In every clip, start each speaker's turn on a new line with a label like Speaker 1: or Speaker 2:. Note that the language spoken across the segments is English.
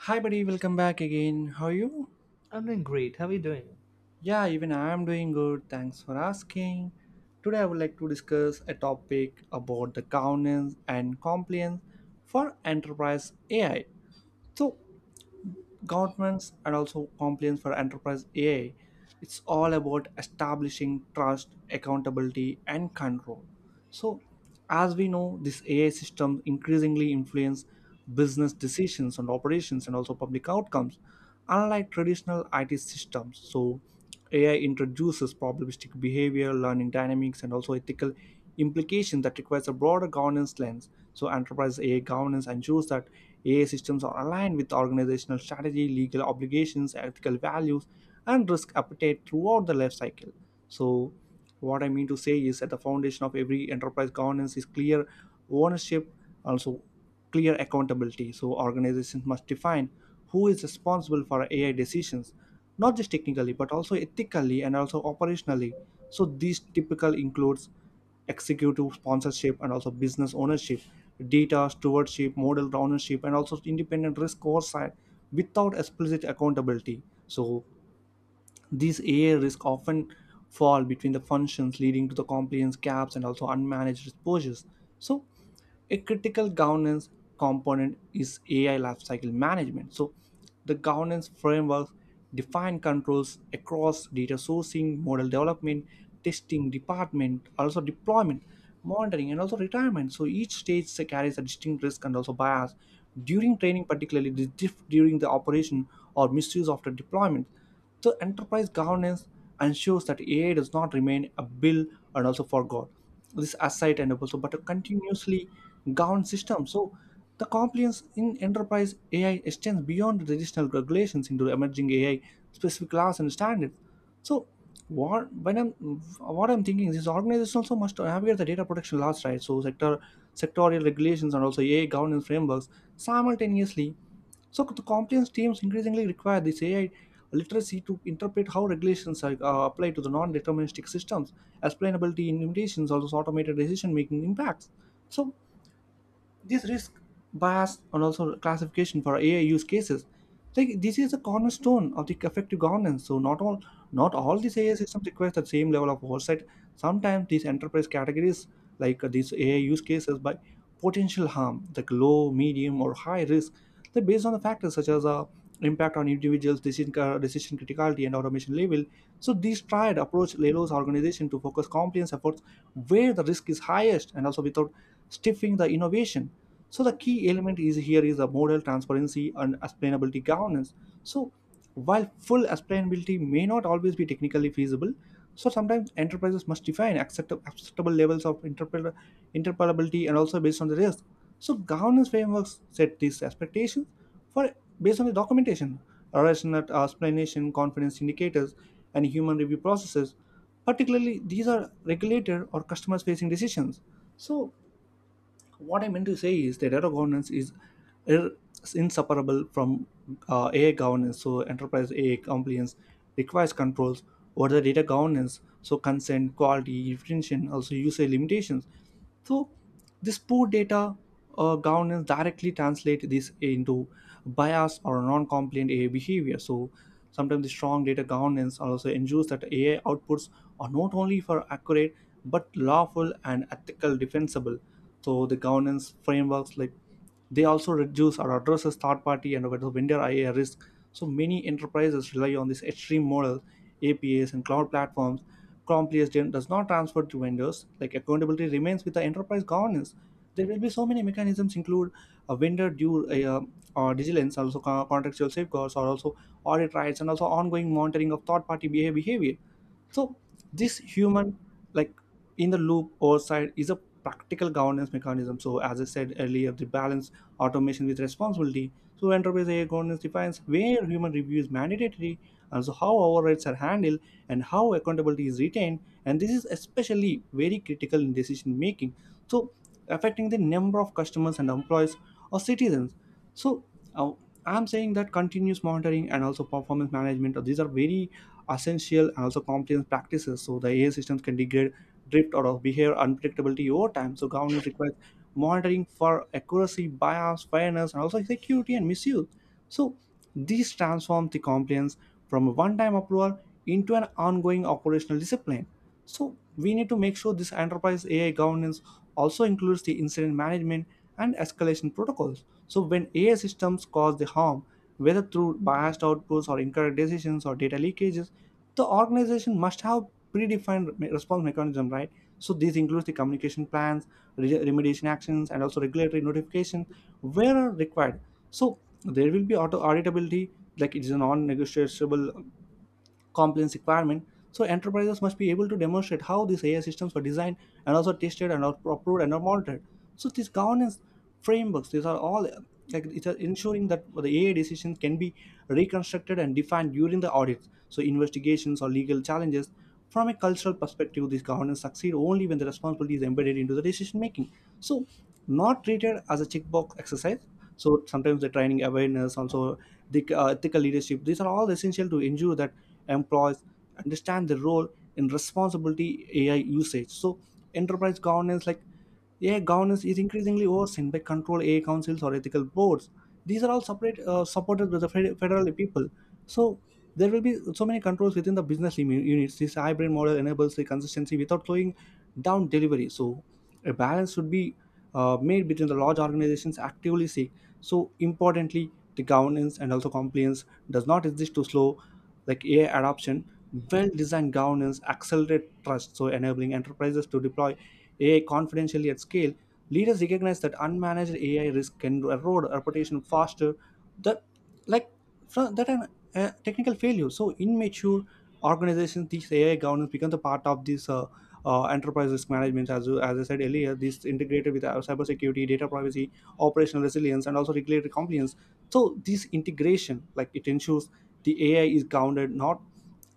Speaker 1: Hi, buddy, welcome back again. How are you?
Speaker 2: I'm doing great. How are you doing?
Speaker 1: Yeah, even I am doing good. Thanks for asking. Today, I would like to discuss a topic about the governance and compliance for enterprise AI. So, governments and also compliance for enterprise AI. It's all about establishing trust, accountability, and control. So, as we know, this AI system increasingly influence business decisions and operations and also public outcomes, unlike traditional IT systems. So, AI introduces probabilistic behavior, learning dynamics, and also ethical implications that requires a broader governance lens. So, enterprise AI governance ensures that AI systems are aligned with organizational strategy, legal obligations, ethical values, and risk appetite throughout the life cycle. So, what I mean to say is that the foundation of every enterprise governance is clear ownership, also clear accountability. So organizations must define who is responsible for AI decisions, not just technically but also ethically and also operationally. So these typical includes executive sponsorship and also business ownership, data stewardship, model ownership, and also independent risk oversight. Without explicit accountability, so these AI risks often fall between the functions, leading to the compliance gaps and also unmanaged exposures. So, a critical governance component is AI lifecycle management. So, the governance frameworks define controls across data sourcing, model development, testing, department, also deployment, monitoring, and also retirement. So, each stage carries a distinct risk and also bias. During training, particularly the diff during the operation or misuse after deployment. So enterprise governance ensures that AI does not remain a bill and also forgot. This asset and also but a continuously governed system. So the compliance in enterprise AI extends beyond the traditional regulations into the emerging AI specific laws and standards. So what when I'm what I'm thinking is this organization also must navigate the data protection laws, right? So sectorial regulations and also AI governance frameworks simultaneously. So the compliance teams increasingly require this AI literacy to interpret how regulations are applied to the non-deterministic systems, explainability in limitations, also automated decision-making impacts. So this risk, bias and also classification for AI use cases, like this is a cornerstone of the effective governance. So not all these AI systems require the same level of oversight. Sometimes these enterprise categories, like these AI use cases by potential harm, like low, medium, or high risk, they based on the factors such as impact on individuals, decision criticality, and automation level. So this tried approach allows organization to focus compliance efforts where the risk is highest and also without stiffing the innovation. So the key element is here is the model transparency and explainability governance. So while full explainability may not always be technically feasible, so sometimes enterprises must define acceptable levels of interpretability and also based on the risk. So governance frameworks set these expectations for based on the documentation, rational explanation, confidence indicators, and human review processes. Particularly, these are regulator or customers facing decisions. So what I meant to say is that data governance is ir- inseparable from AI governance. So enterprise AI compliance requires controls over the data governance, so consent, quality, retention, also usage limitations. So this poor data governance directly translate this into bias or non-compliant AI behavior. So sometimes the strong data governance also ensures that AI outputs are not only for accurate but lawful and ethical defensible. So the governance frameworks like they also reduce or addresses third party and vendor ia risk. So many enterprises rely on this extreme model apas and cloud platforms. Compliance gen- does not transfer to vendors, like accountability remains with the enterprise governance. There will be so many mechanisms include a vendor due uh, or diligence, also contractual safeguards or also audit rights and also ongoing monitoring of third party behavior. So this human, like, in the loop oversight is a practical governance mechanism. So, as I said earlier, the balance automation with responsibility. So, enterprise AI governance defines where human review is mandatory, and so how overrides are handled and how accountability is retained. And this is especially very critical in decision making. So, affecting the number of customers and employees or citizens. So uh, I'm saying that continuous monitoring and also performance management, these are very essential and also compliance practices. So the AI systems can degrade, drift, or behave unpredictability over time. So governance requires monitoring for accuracy, bias, fairness, and also security and misuse. So these transform the compliance from a one-time approval into an ongoing operational discipline. So we need to make sure this enterprise AI governance also includes the incident management and escalation protocols. So when AI systems cause the harm, whether through biased outputs or incorrect decisions or data leakages, the organization must have predefined response mechanism, right? So these includes the communication plans, remediation actions, and also regulatory notifications where are required. So there will be auto auditability, like it is a non-negotiable compliance requirement. So enterprises must be able to demonstrate how these AI systems were designed and also tested and are approved and are monitored. So these governance frameworks, these are all like it's ensuring that the AI decisions can be reconstructed and defined during the audits. So investigations or legal challenges. From a cultural perspective, these governance succeed only when the responsibility is embedded into the decision making. So, not treated as a checkbox exercise. So sometimes the training awareness, also the ethical leadership, these are all essential to ensure that employees understand their role in responsibility AI usage. So enterprise governance, like AI governance is increasingly overseen by control AI councils or ethical boards. These are all separate, supported by the federal people. So there will be so many controls within the business units. This hybrid model enables the consistency without slowing down delivery. So a balance should be made between the large organizations actively seek. So importantly, the governance and also compliance does not exist to slow like AI adoption. Well-designed governance accelerate trust, so enabling enterprises to deploy AI confidentially at scale. Leaders recognize that unmanaged AI risk can erode reputation faster that like fr- that an technical failure. So in mature organizations this AI governance becomes a part of this enterprise risk management. As, as I said earlier, this integrated with our cybersecurity, data privacy, operational resilience, and also regulatory compliance. So this integration, like, it ensures the AI is grounded, not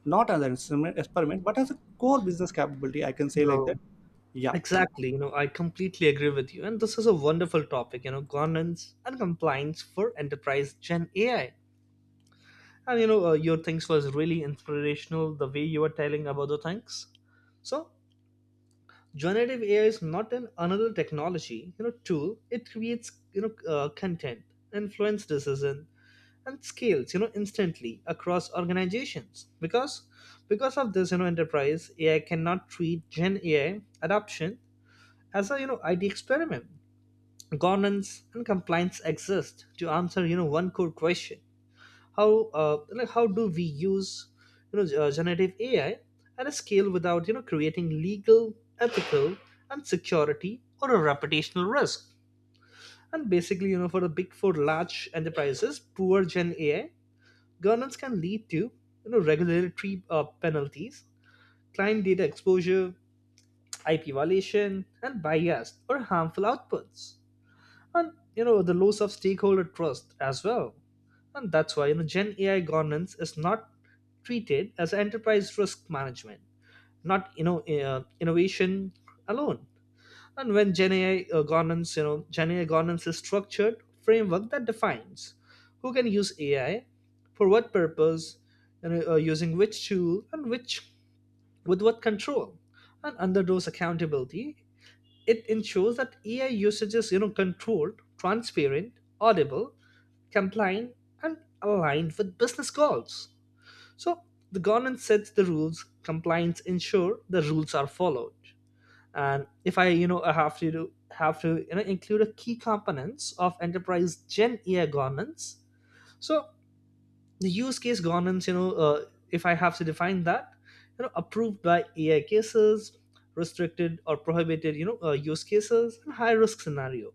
Speaker 1: not as an experiment, but as a core business capability, I can say like that.
Speaker 2: Well,
Speaker 1: Yeah,
Speaker 2: exactly. I completely agree with you. And this is a wonderful topic, governance and compliance for enterprise Gen AI. And, your things was really inspirational the way you were telling about the things. So, generative AI is not an another technology, tool. It creates, content, influence decision, and scales instantly across organizations, because of this enterprise AI cannot treat Gen AI adoption as a id experiment. Governance and compliance exist to answer one core question. How like how do we use generative AI at a scale without creating legal, ethical, and security or a reputational risk. And basically, for the big four large enterprises, poor Gen AI governance can lead to regulatory penalties, client data exposure, IP violation, and biased or harmful outputs, and the loss of stakeholder trust as well. And that's why Gen AI governance is not treated as enterprise risk management, not innovation alone. And when Gen AI governance, Gen AI governance is structured framework that defines who can use AI, for what purpose, and using which tool and which with what control. And under those accountability, it ensures that AI usage is controlled, transparent, audible, compliant, and aligned with business goals. So the governance sets the rules, compliance ensure the rules are followed. And if I have to include a key components of enterprise Gen AI governance. So the use case governance, if I have to define that, approved by AI cases, restricted or prohibited, use cases and high risk scenario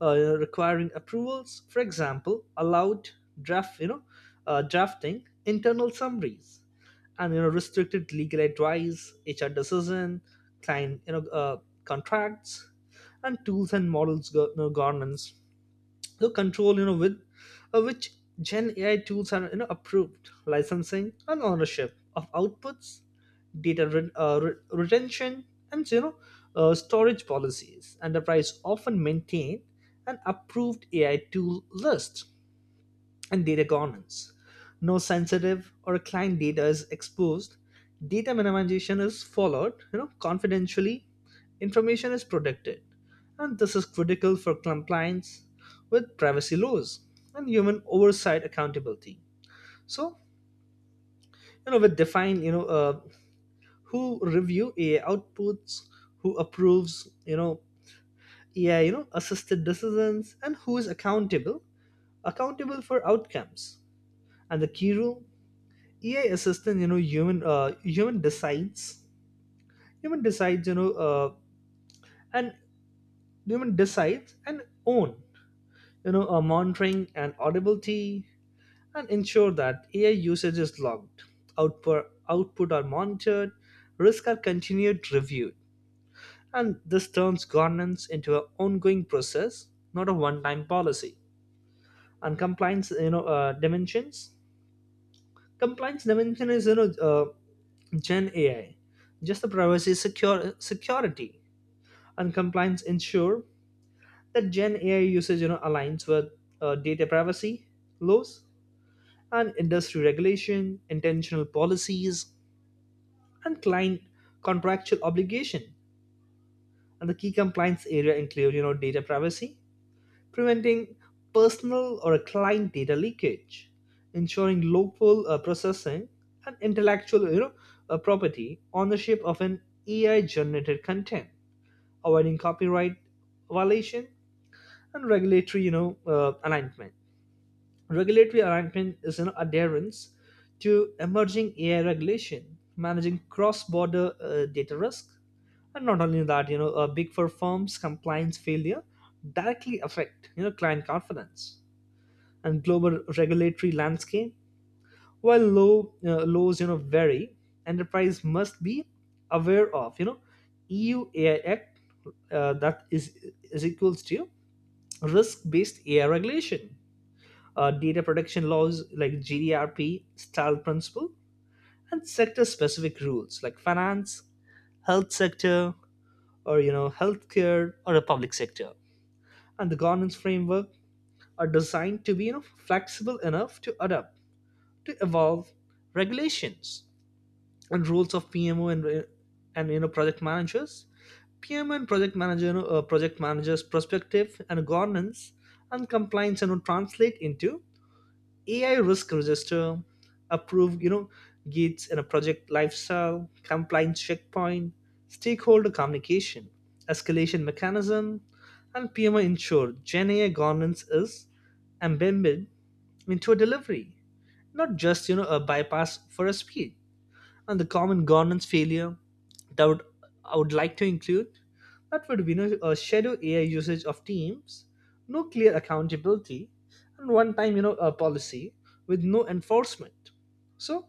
Speaker 2: requiring approvals. For example, allowed draft, drafting, internal summaries, and restricted legal advice, HR decision, client, contracts, and tools and models governance, the control with which Gen AI tools are approved, licensing and ownership of outputs, data retention, and storage policies. Enterprise often maintain an approved AI tool list and data governance. No sensitive or client data is exposed. Data minimization is followed, confidentially. Information is protected. And this is critical for compliance with privacy laws and human oversight accountability. So, you know, we define, who review AI outputs, who approves, AI, assisted decisions, and who is accountable for outcomes. And the key rule: AI assistant, human decides, human decides, you know, and human decides and own, monitoring and audibility, and ensure that AI usage is logged, output are monitored, risks are continued reviewed, and this turns governance into an ongoing process, not a one-time policy. And compliance, dimensions. Compliance dimension is Gen AI. Just the privacy, secure security, and compliance ensure that Gen AI usage aligns with data privacy laws and industry regulation, intentional policies, and client contractual obligation. And the key compliance area include data privacy, preventing personal or client data leakage, ensuring local processing, and intellectual, property ownership of an AI generated content, avoiding copyright violation, and regulatory, alignment. Regulatory alignment is an adherence to emerging AI regulation, managing cross-border data risk, and not only that, big four firms' compliance failure directly affect client confidence and global regulatory landscape. While low laws, vary, enterprise must be aware of, EU AI Act, that is equals to risk-based AI regulation, data protection laws like GDRP style principle, and sector-specific rules like finance, health sector, or healthcare or the public sector, and the governance framework are designed to be flexible enough to adapt to evolve regulations and rules of PMO and project managers. PMO and project manager you know, uh, project managers perspective and governance and compliance and, translate into AI risk register, approve, gates in a project lifestyle, compliance checkpoint, stakeholder communication, escalation mechanism, and PMO ensure Gen AI governance is embedded into a delivery, not just a bypass for a speed. And the common governance failure that would, I would like to include, that would be, a shadow AI usage of teams, no clear accountability, and one time, a policy with no enforcement. So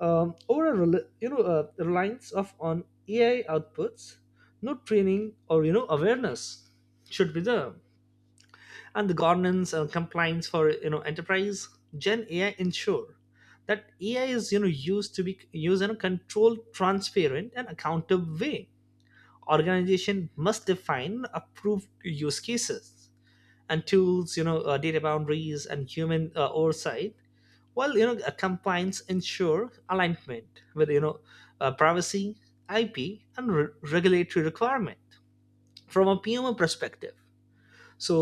Speaker 2: over a reliance of on AI outputs, no training or awareness should be there. And the governance and compliance for enterprise Gen AI ensure that AI is used to be used in a controlled, transparent, and accountable way. Organization must define approved use cases and tools, data boundaries and human oversight, while compliance ensure alignment with privacy, IP, and regulatory requirement from a PMO perspective. So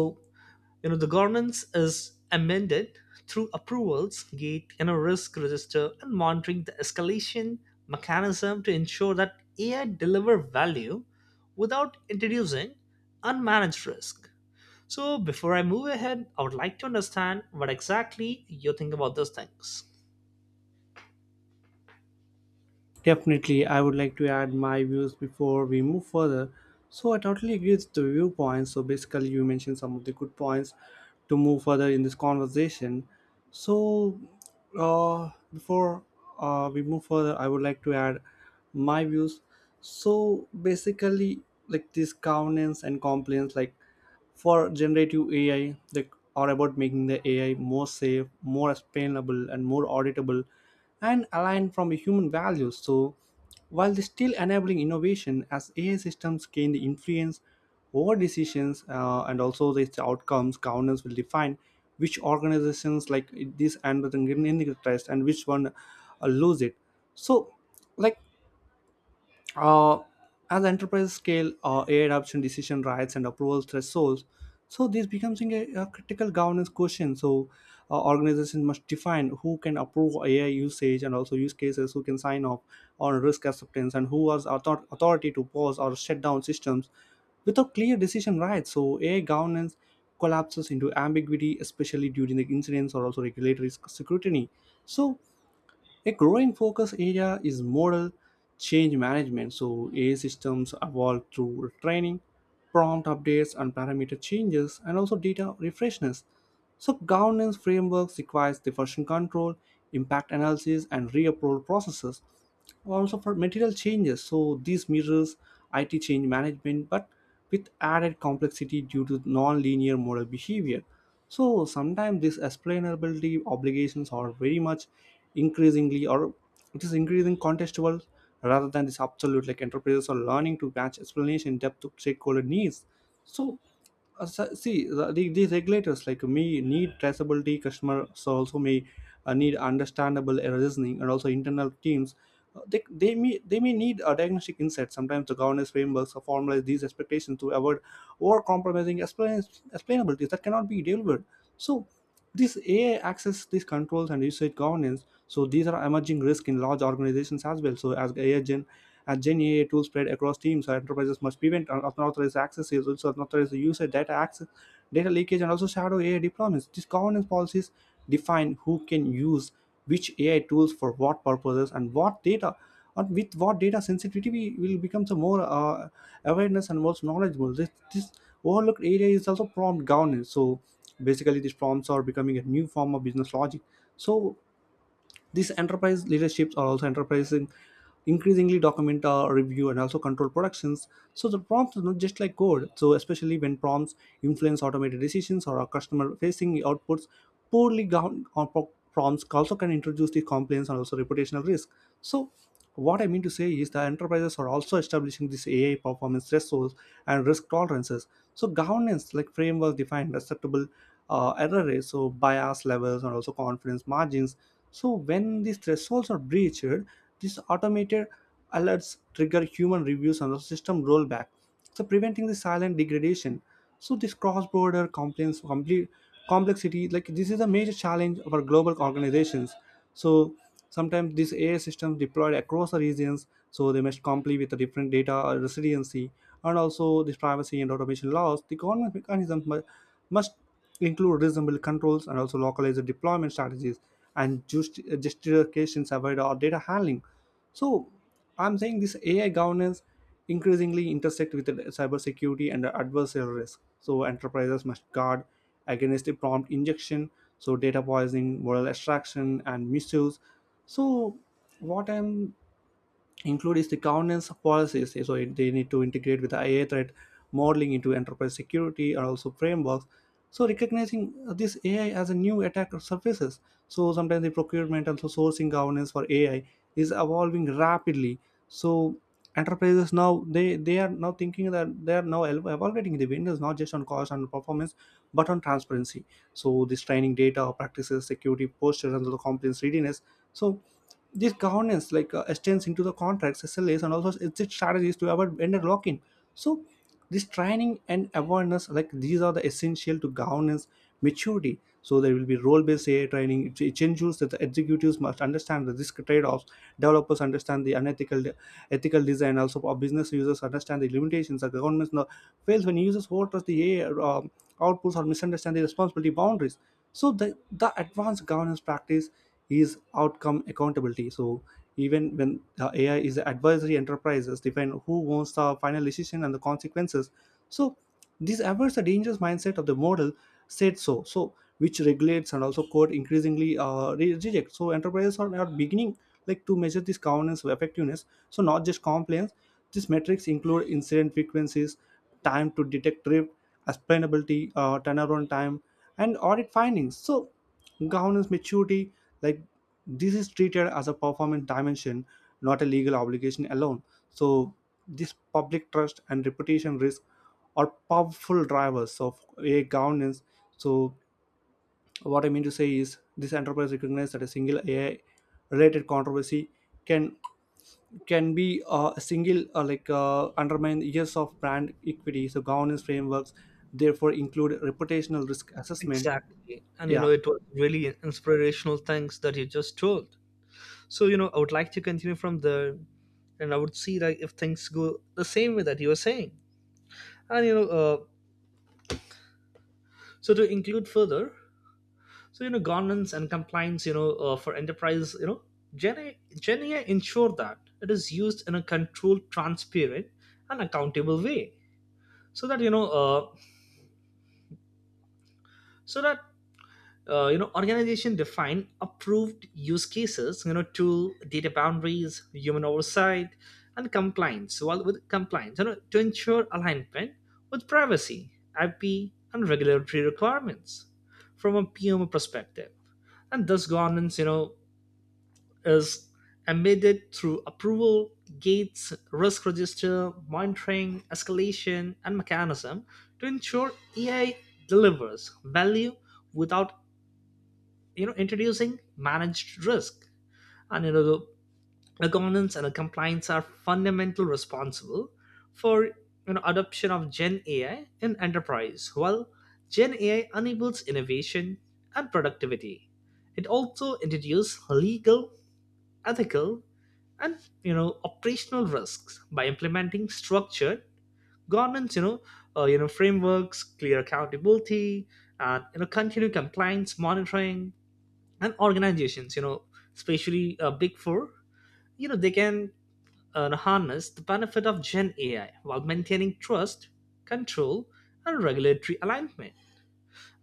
Speaker 2: the governance is amended through approvals gate, risk register and monitoring the escalation mechanism to ensure that AI deliver value without introducing unmanaged risk. So before I move ahead, I would like to understand what exactly you think about those things.
Speaker 1: definitely I would like to add my views before we move further. So I totally agree with the viewpoints. So basically you mentioned some of the good points to move further in this conversation. So before we move further I would like to add my views. So basically, like this governance and compliance, like for generative AI, they are about making the AI more safe, more explainable, and more auditable and aligned from human values. So, while they're still enabling innovation, as AI systems gain the influence over decisions and also the outcomes, governance will define which organizations, like, this and the Green Trust and which one lose it. So, like uh, as enterprise scale AI adoption decision rights and approval thresholds. So this becomes a critical governance question. So organizations must define who can approve AI usage and also use cases, who can sign off on risk acceptance, and who has authority to pause or shut down systems without clear decision rights. So AI governance collapses into ambiguity, especially during the incidents or also regulatory scrutiny. So a growing focus area is model change management. So AI systems evolve through training, prompt updates, and parameter changes, and also data refreshness. So governance frameworks requires the version control, impact analysis, and reapproval processes also for material changes, so these mirrors it change management but with added complexity due to non-linear model behavior. So sometimes these explainability obligations are very much increasingly or it is increasing contextual rather than this absolute. Like, enterprises are learning to match explanation depth to stakeholder needs. So see, these regulators like me need traceability customer, so also may need understandable reasoning, and also internal teams. They may need a diagnostic insight. Sometimes the governance frameworks formalize these expectations to avoid over compromising explainability that cannot be delivered. So this ai access, these controls and usage governance, so these are emerging risk in large organizations as well. So as gen ai tools spread across teams, so enterprises must prevent unauthorized access, also unauthorized usage, data access, data leakage, and also shadow ai deployments. These governance policies define who can use which AI tools for what purposes and what data, and with what data sensitivity will become some more awareness and more knowledgeable. This overlooked area is also prompt governance. So basically, these prompts are becoming a new form of business logic. So these enterprise leaderships are also enterprising increasingly document review and also control productions. So the prompts are not just like code, so especially when prompts influence automated decisions or are customer facing outputs, poorly governed or prompts also can introduce the complaints and also reputational risk. So what I mean to say is that enterprises are also establishing this AI performance thresholds and risk tolerances. So governance like framework defined acceptable error rates, so bias levels and also confidence margins. So when these thresholds are breached, these automated alerts trigger human reviews and the system rollback, so preventing the silent degradation. So this cross-border compliance complete complexity, like this is a major challenge of our global organizations. So sometimes these ai systems deployed across the regions, so they must comply with the different data residency and also this privacy and automation laws. The government mechanisms must include reasonable controls and also localized deployment strategies and justifications about our data handling. So I'm saying this ai governance increasingly intersect with the cybersecurity and adversarial risk. So enterprises must guard against the prompt injection, so data poisoning, moral extraction, and misuse. So what I'm include is the governance policies, so they need to integrate with the ai threat modeling into enterprise security and also frameworks, so recognizing this ai as a new attack surfaces. So sometimes the procurement and so sourcing governance for ai is evolving rapidly. So enterprises now, they are now thinking that they are now ev- evaluating the vendors not just on cost and performance but on transparency, so this training data practices, security posture, and the compliance readiness. So this governance like extends into the contracts, slas, and also exit strategies to avoid vendor lock-in. So this training and awareness, like these are the essential to governance maturity. So there will be role-based ai training. It ensures that the executives must understand the risk trade-offs, developers understand the unethical ethical design, also our business users understand the limitations. The governments now fails when users overtrust the ai um, outputs or misunderstand the responsibility boundaries. So the advanced governance practice is outcome accountability. So even when the AI is advisory, enterprises define who owns the final decision and the consequences. So this avoids the dangerous mindset of the model said so. So which regulates and also code increasingly reject. So enterprises are now beginning like to measure this governance effectiveness, so not just compliance. These metrics include incident frequencies, time to detect drift, explainability turnaround time, and audit findings. So governance maturity, like, this is treated as a performance dimension, not a legal obligation alone. So this public trust and reputation risk are powerful drivers of AI governance. So what I mean to say is this enterprise recognizes that a single AI related controversy can can be a single like undermine years of brand equity. So governance frameworks therefore include reputational risk assessment.
Speaker 2: Exactly. And
Speaker 1: Yeah.
Speaker 2: it was really inspirational things that you just told. So I would like to continue from there, and I would see like if things go the same way that you were saying. And so to include further, so governance and compliance, for enterprise, genia ensure that it is used in a controlled, transparent, and accountable way. So that so that organization define approved use cases, to data boundaries, human oversight, and compliance, well with compliance, to ensure alignment with privacy, IP, and regulatory requirements from a PMO perspective. And thus governance, is embedded through approval gates, risk register, monitoring, escalation, and mechanism to ensure AI delivers value without introducing managed risk. And governance and the compliance are fundamental responsible for adoption of Gen AI in enterprise. While Gen AI enables innovation and productivity, it also introduces legal, ethical, and operational risks. By implementing structured governance, frameworks, clear accountability, and continued compliance monitoring, and organizations, especially big four, they can harness the benefit of Gen AI while maintaining trust, control, and regulatory alignment.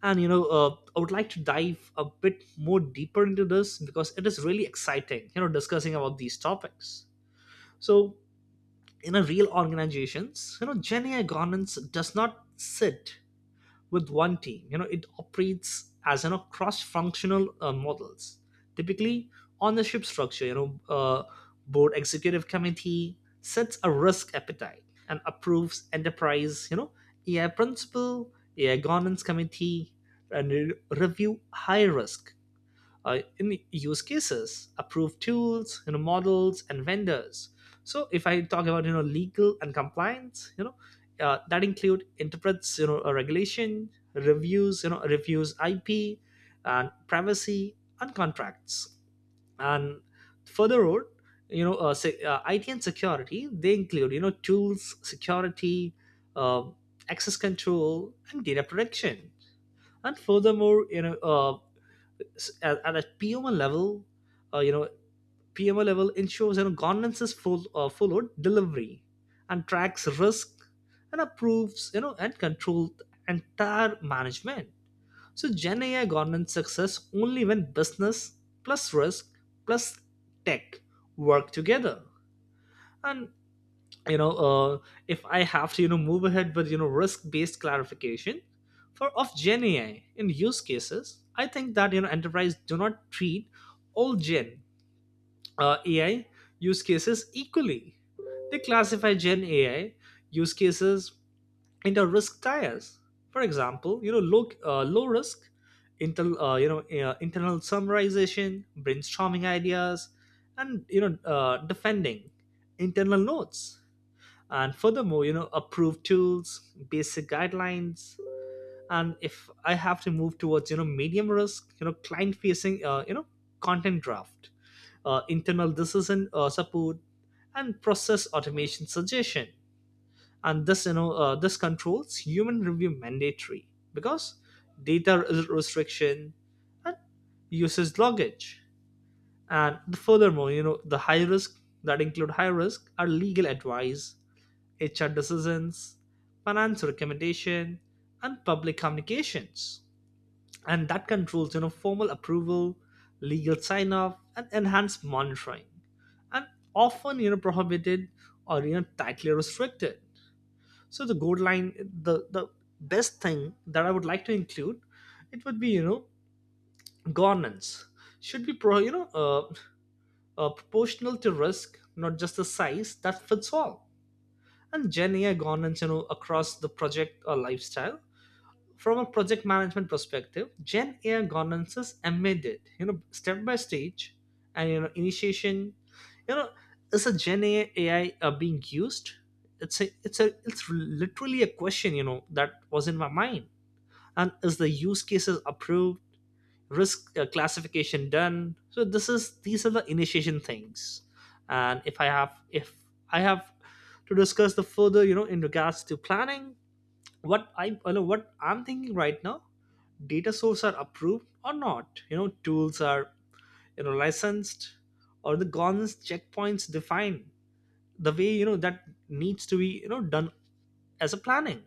Speaker 2: And I would like to dive a bit more deeper into this because it is really exciting discussing about these topics. So in a real organizations, Gen AI governance does not sit with one team. You know, it operates as cross-functional models. Typically, ownership structure. You know, board executive committee sets a risk appetite and approves enterprise. You know, AI principal, AI governance committee, and review high risk in use cases, approved tools, models and vendors. So if I talk about legal and compliance, that include interprets, a regulation, reviews, reviews IP, and privacy and contracts. And further on, IT and security, they include tools, security, uh, access control, and data protection. And furthermore, at a PMO level, uh, you know, PMO level ensures governance is followed delivery, and tracks risk and approves, and controls entire management. So Gen AI governance success only when business plus risk plus tech work together. And you know uh, if I have to move ahead with risk based clarification for of Gen AI in use cases, I think that enterprise do not treat all gen AI use cases equally. They classify Gen AI use cases into risk tiers. For example, low, risk, intel internal summarization, brainstorming ideas, and defending internal notes, and furthermore approved tools, basic guidelines. And if I have to move towards medium risk, client facing, content draft, internal decision support, and process automation suggestion, and this, this controls human review mandatory because data restriction and usage loggage. And furthermore, the high risk that include high risk are legal advice, HR decisions, finance recommendation, and public communications. And that controls, formal approval, legal sign-off, and enhanced monitoring. And often, prohibited or tightly restricted. So the gold line, the best thing that I would like to include, it would be, governance should be proportional to risk, not just the size that fits all. And Gen AI governance, across the project or lifestyle. From a project management perspective, Gen AI governance is embedded, step by stage, and initiation, you know, is a Gen AI, being used? It's literally a question, that was in my mind. And is the use cases approved? Risk classification done. So this is these are the initiation things. And if I have, i have to discuss the further, in regards to planning, what I'm thinking right now. Data sources are approved or not, tools are licensed, or the governance checkpoints defined the way, that needs to be done as a planning.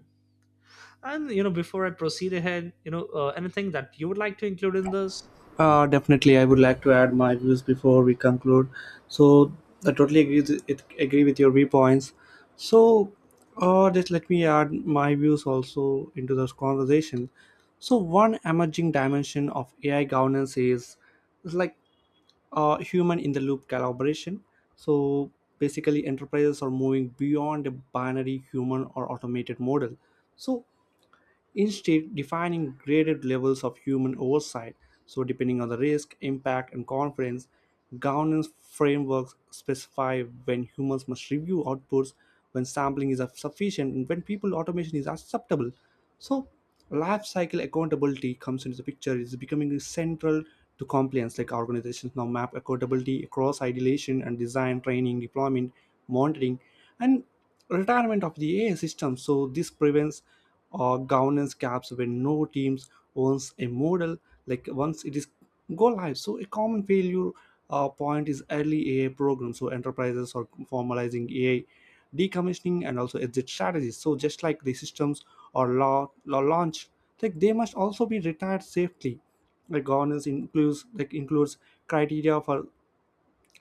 Speaker 2: And before I proceed ahead, anything that you would like to include in this?
Speaker 1: Definitely, I would like to add my views before we conclude. So I totally agree agree with your viewpoints. So just let me add my views also into this conversation. So one emerging dimension of AI governance is like human in the loop collaboration. So basically, enterprises are moving beyond a binary human or automated model. So instead, defining graded levels of human oversight, so depending on the risk, impact, and confidence, governance frameworks specify when humans must review outputs, when sampling is sufficient, and when people automation is acceptable. So life cycle accountability comes into the picture. It's becoming central to compliance. Like, organizations now map accountability across ideation and design, training, deployment, monitoring, and retirement of the AI system. So this prevents or governance gaps when no teams owns a model, like once it is go live. So a common failure point is early ai programs. So enterprises are formalizing ai decommissioning and also exit strategies, so just like the systems or law launch, like they must also be retired safely. Like, governance includes criteria for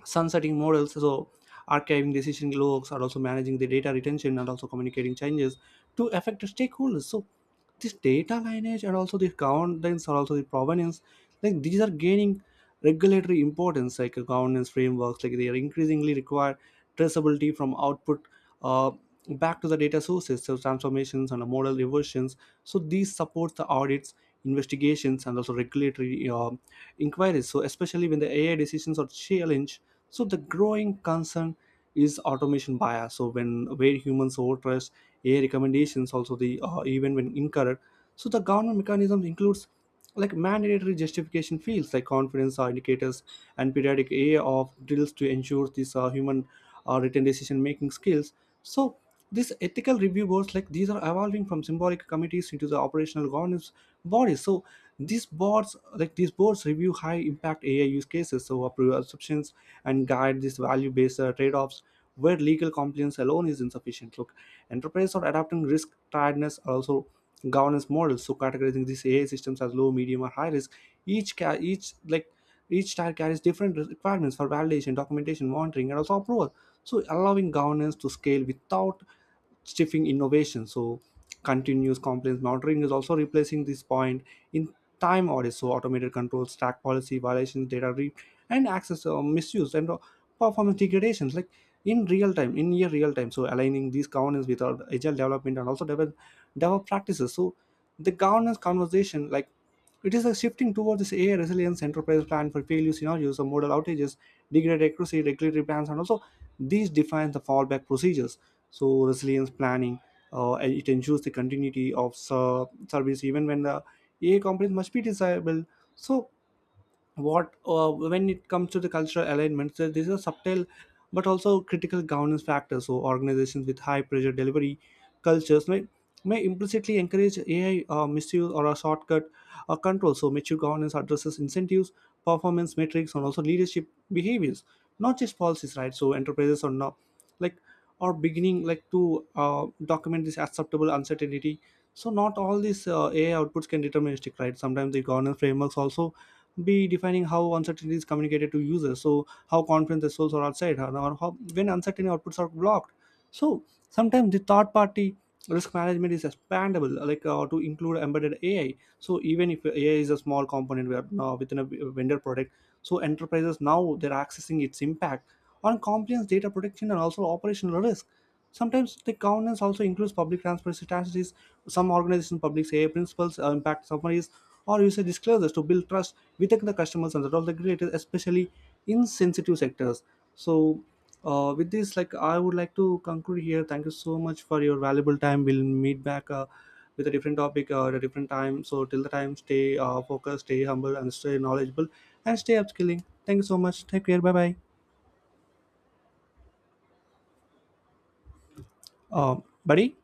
Speaker 1: sunsetting models, so archiving decision logs are also managing the data retention and also communicating changes to affected stakeholders. So this data lineage and also the governance or also the provenance, like these are gaining regulatory importance. Like governance frameworks, like, they are increasingly require traceability from output uh, back to the data sources, so transformations and model reversions. So these support the audits, investigations, and also regulatory inquiries, so especially when the AI decisions are challenged. So the growing concern is automation bias. So when where humans overtrust AI recommendations, also the even when incorrect. So the government mechanisms includes, like, mandatory justification fields like confidence are indicators and periodic AI of drills to ensure these human written decision making skills. So these ethical review boards, like, these are evolving from symbolic committees into the operational governance bodies. So these boards review high impact ai use cases, so approve assumptions and guide these value based trade-offs where legal compliance alone is insufficient. Look, enterprises are adapting risk tiredness, also governance models, so categorizing these ai systems as low, medium, or high risk. Each ca- each like Each tier carries different requirements for validation, documentation, monitoring, and also approval, so allowing governance to scale without stifling innovation. So continuous compliance monitoring is also replacing this point in time audits, so automated controls track policy violations, and access misuse, and performance degradations, like, in real time, in near real time, so aligning these governance with our agile development and also develop DevOps practices. So the governance conversation, like, it is a shifting towards this AI resilience. Enterprise plan for failure scenarios or model outages, degraded accuracy, regulatory plans, and also these define the fallback procedures. So resilience planning, and it ensures the continuity of service even when the AI components must be desirable. So what when it comes to the cultural alignments, this is a subtle but also critical governance factor. So organizations with high pressure delivery cultures may implicitly encourage ai misuse or a shortcut control. So mature governance addresses incentives, performance metrics, and also leadership behaviors, not just policies, right? So enterprises are not like are beginning like to uh, document this acceptable uncertainty. So not all these ai outputs can deterministic, right? Sometimes the governance frameworks also b defining how uncertainty is communicated to users, so how confidence the source or outside, or how when uncertain outputs are blocked. So sometimes the third party risk management is expandable, like to include embedded ai. So even if ai is a small component within a vendor product, so enterprises now they're accessing its impact on compliance, data protection, and also operational risk. Sometimes the governance also includes public transparency strategies. Some organizations publish AI principles impact summaries or user disclosures to build trust. We take the customers under of the creators, especially in sensitive sectors. So with this, like, I would like to conclude here. Thank you so much for your valuable time. We'll meet back with a different topic at a different time. So till the time, stay focused, stay humble, and stay knowledgeable, and stay upskilling. Thank you so much. Take care. Bye bye. Buddy.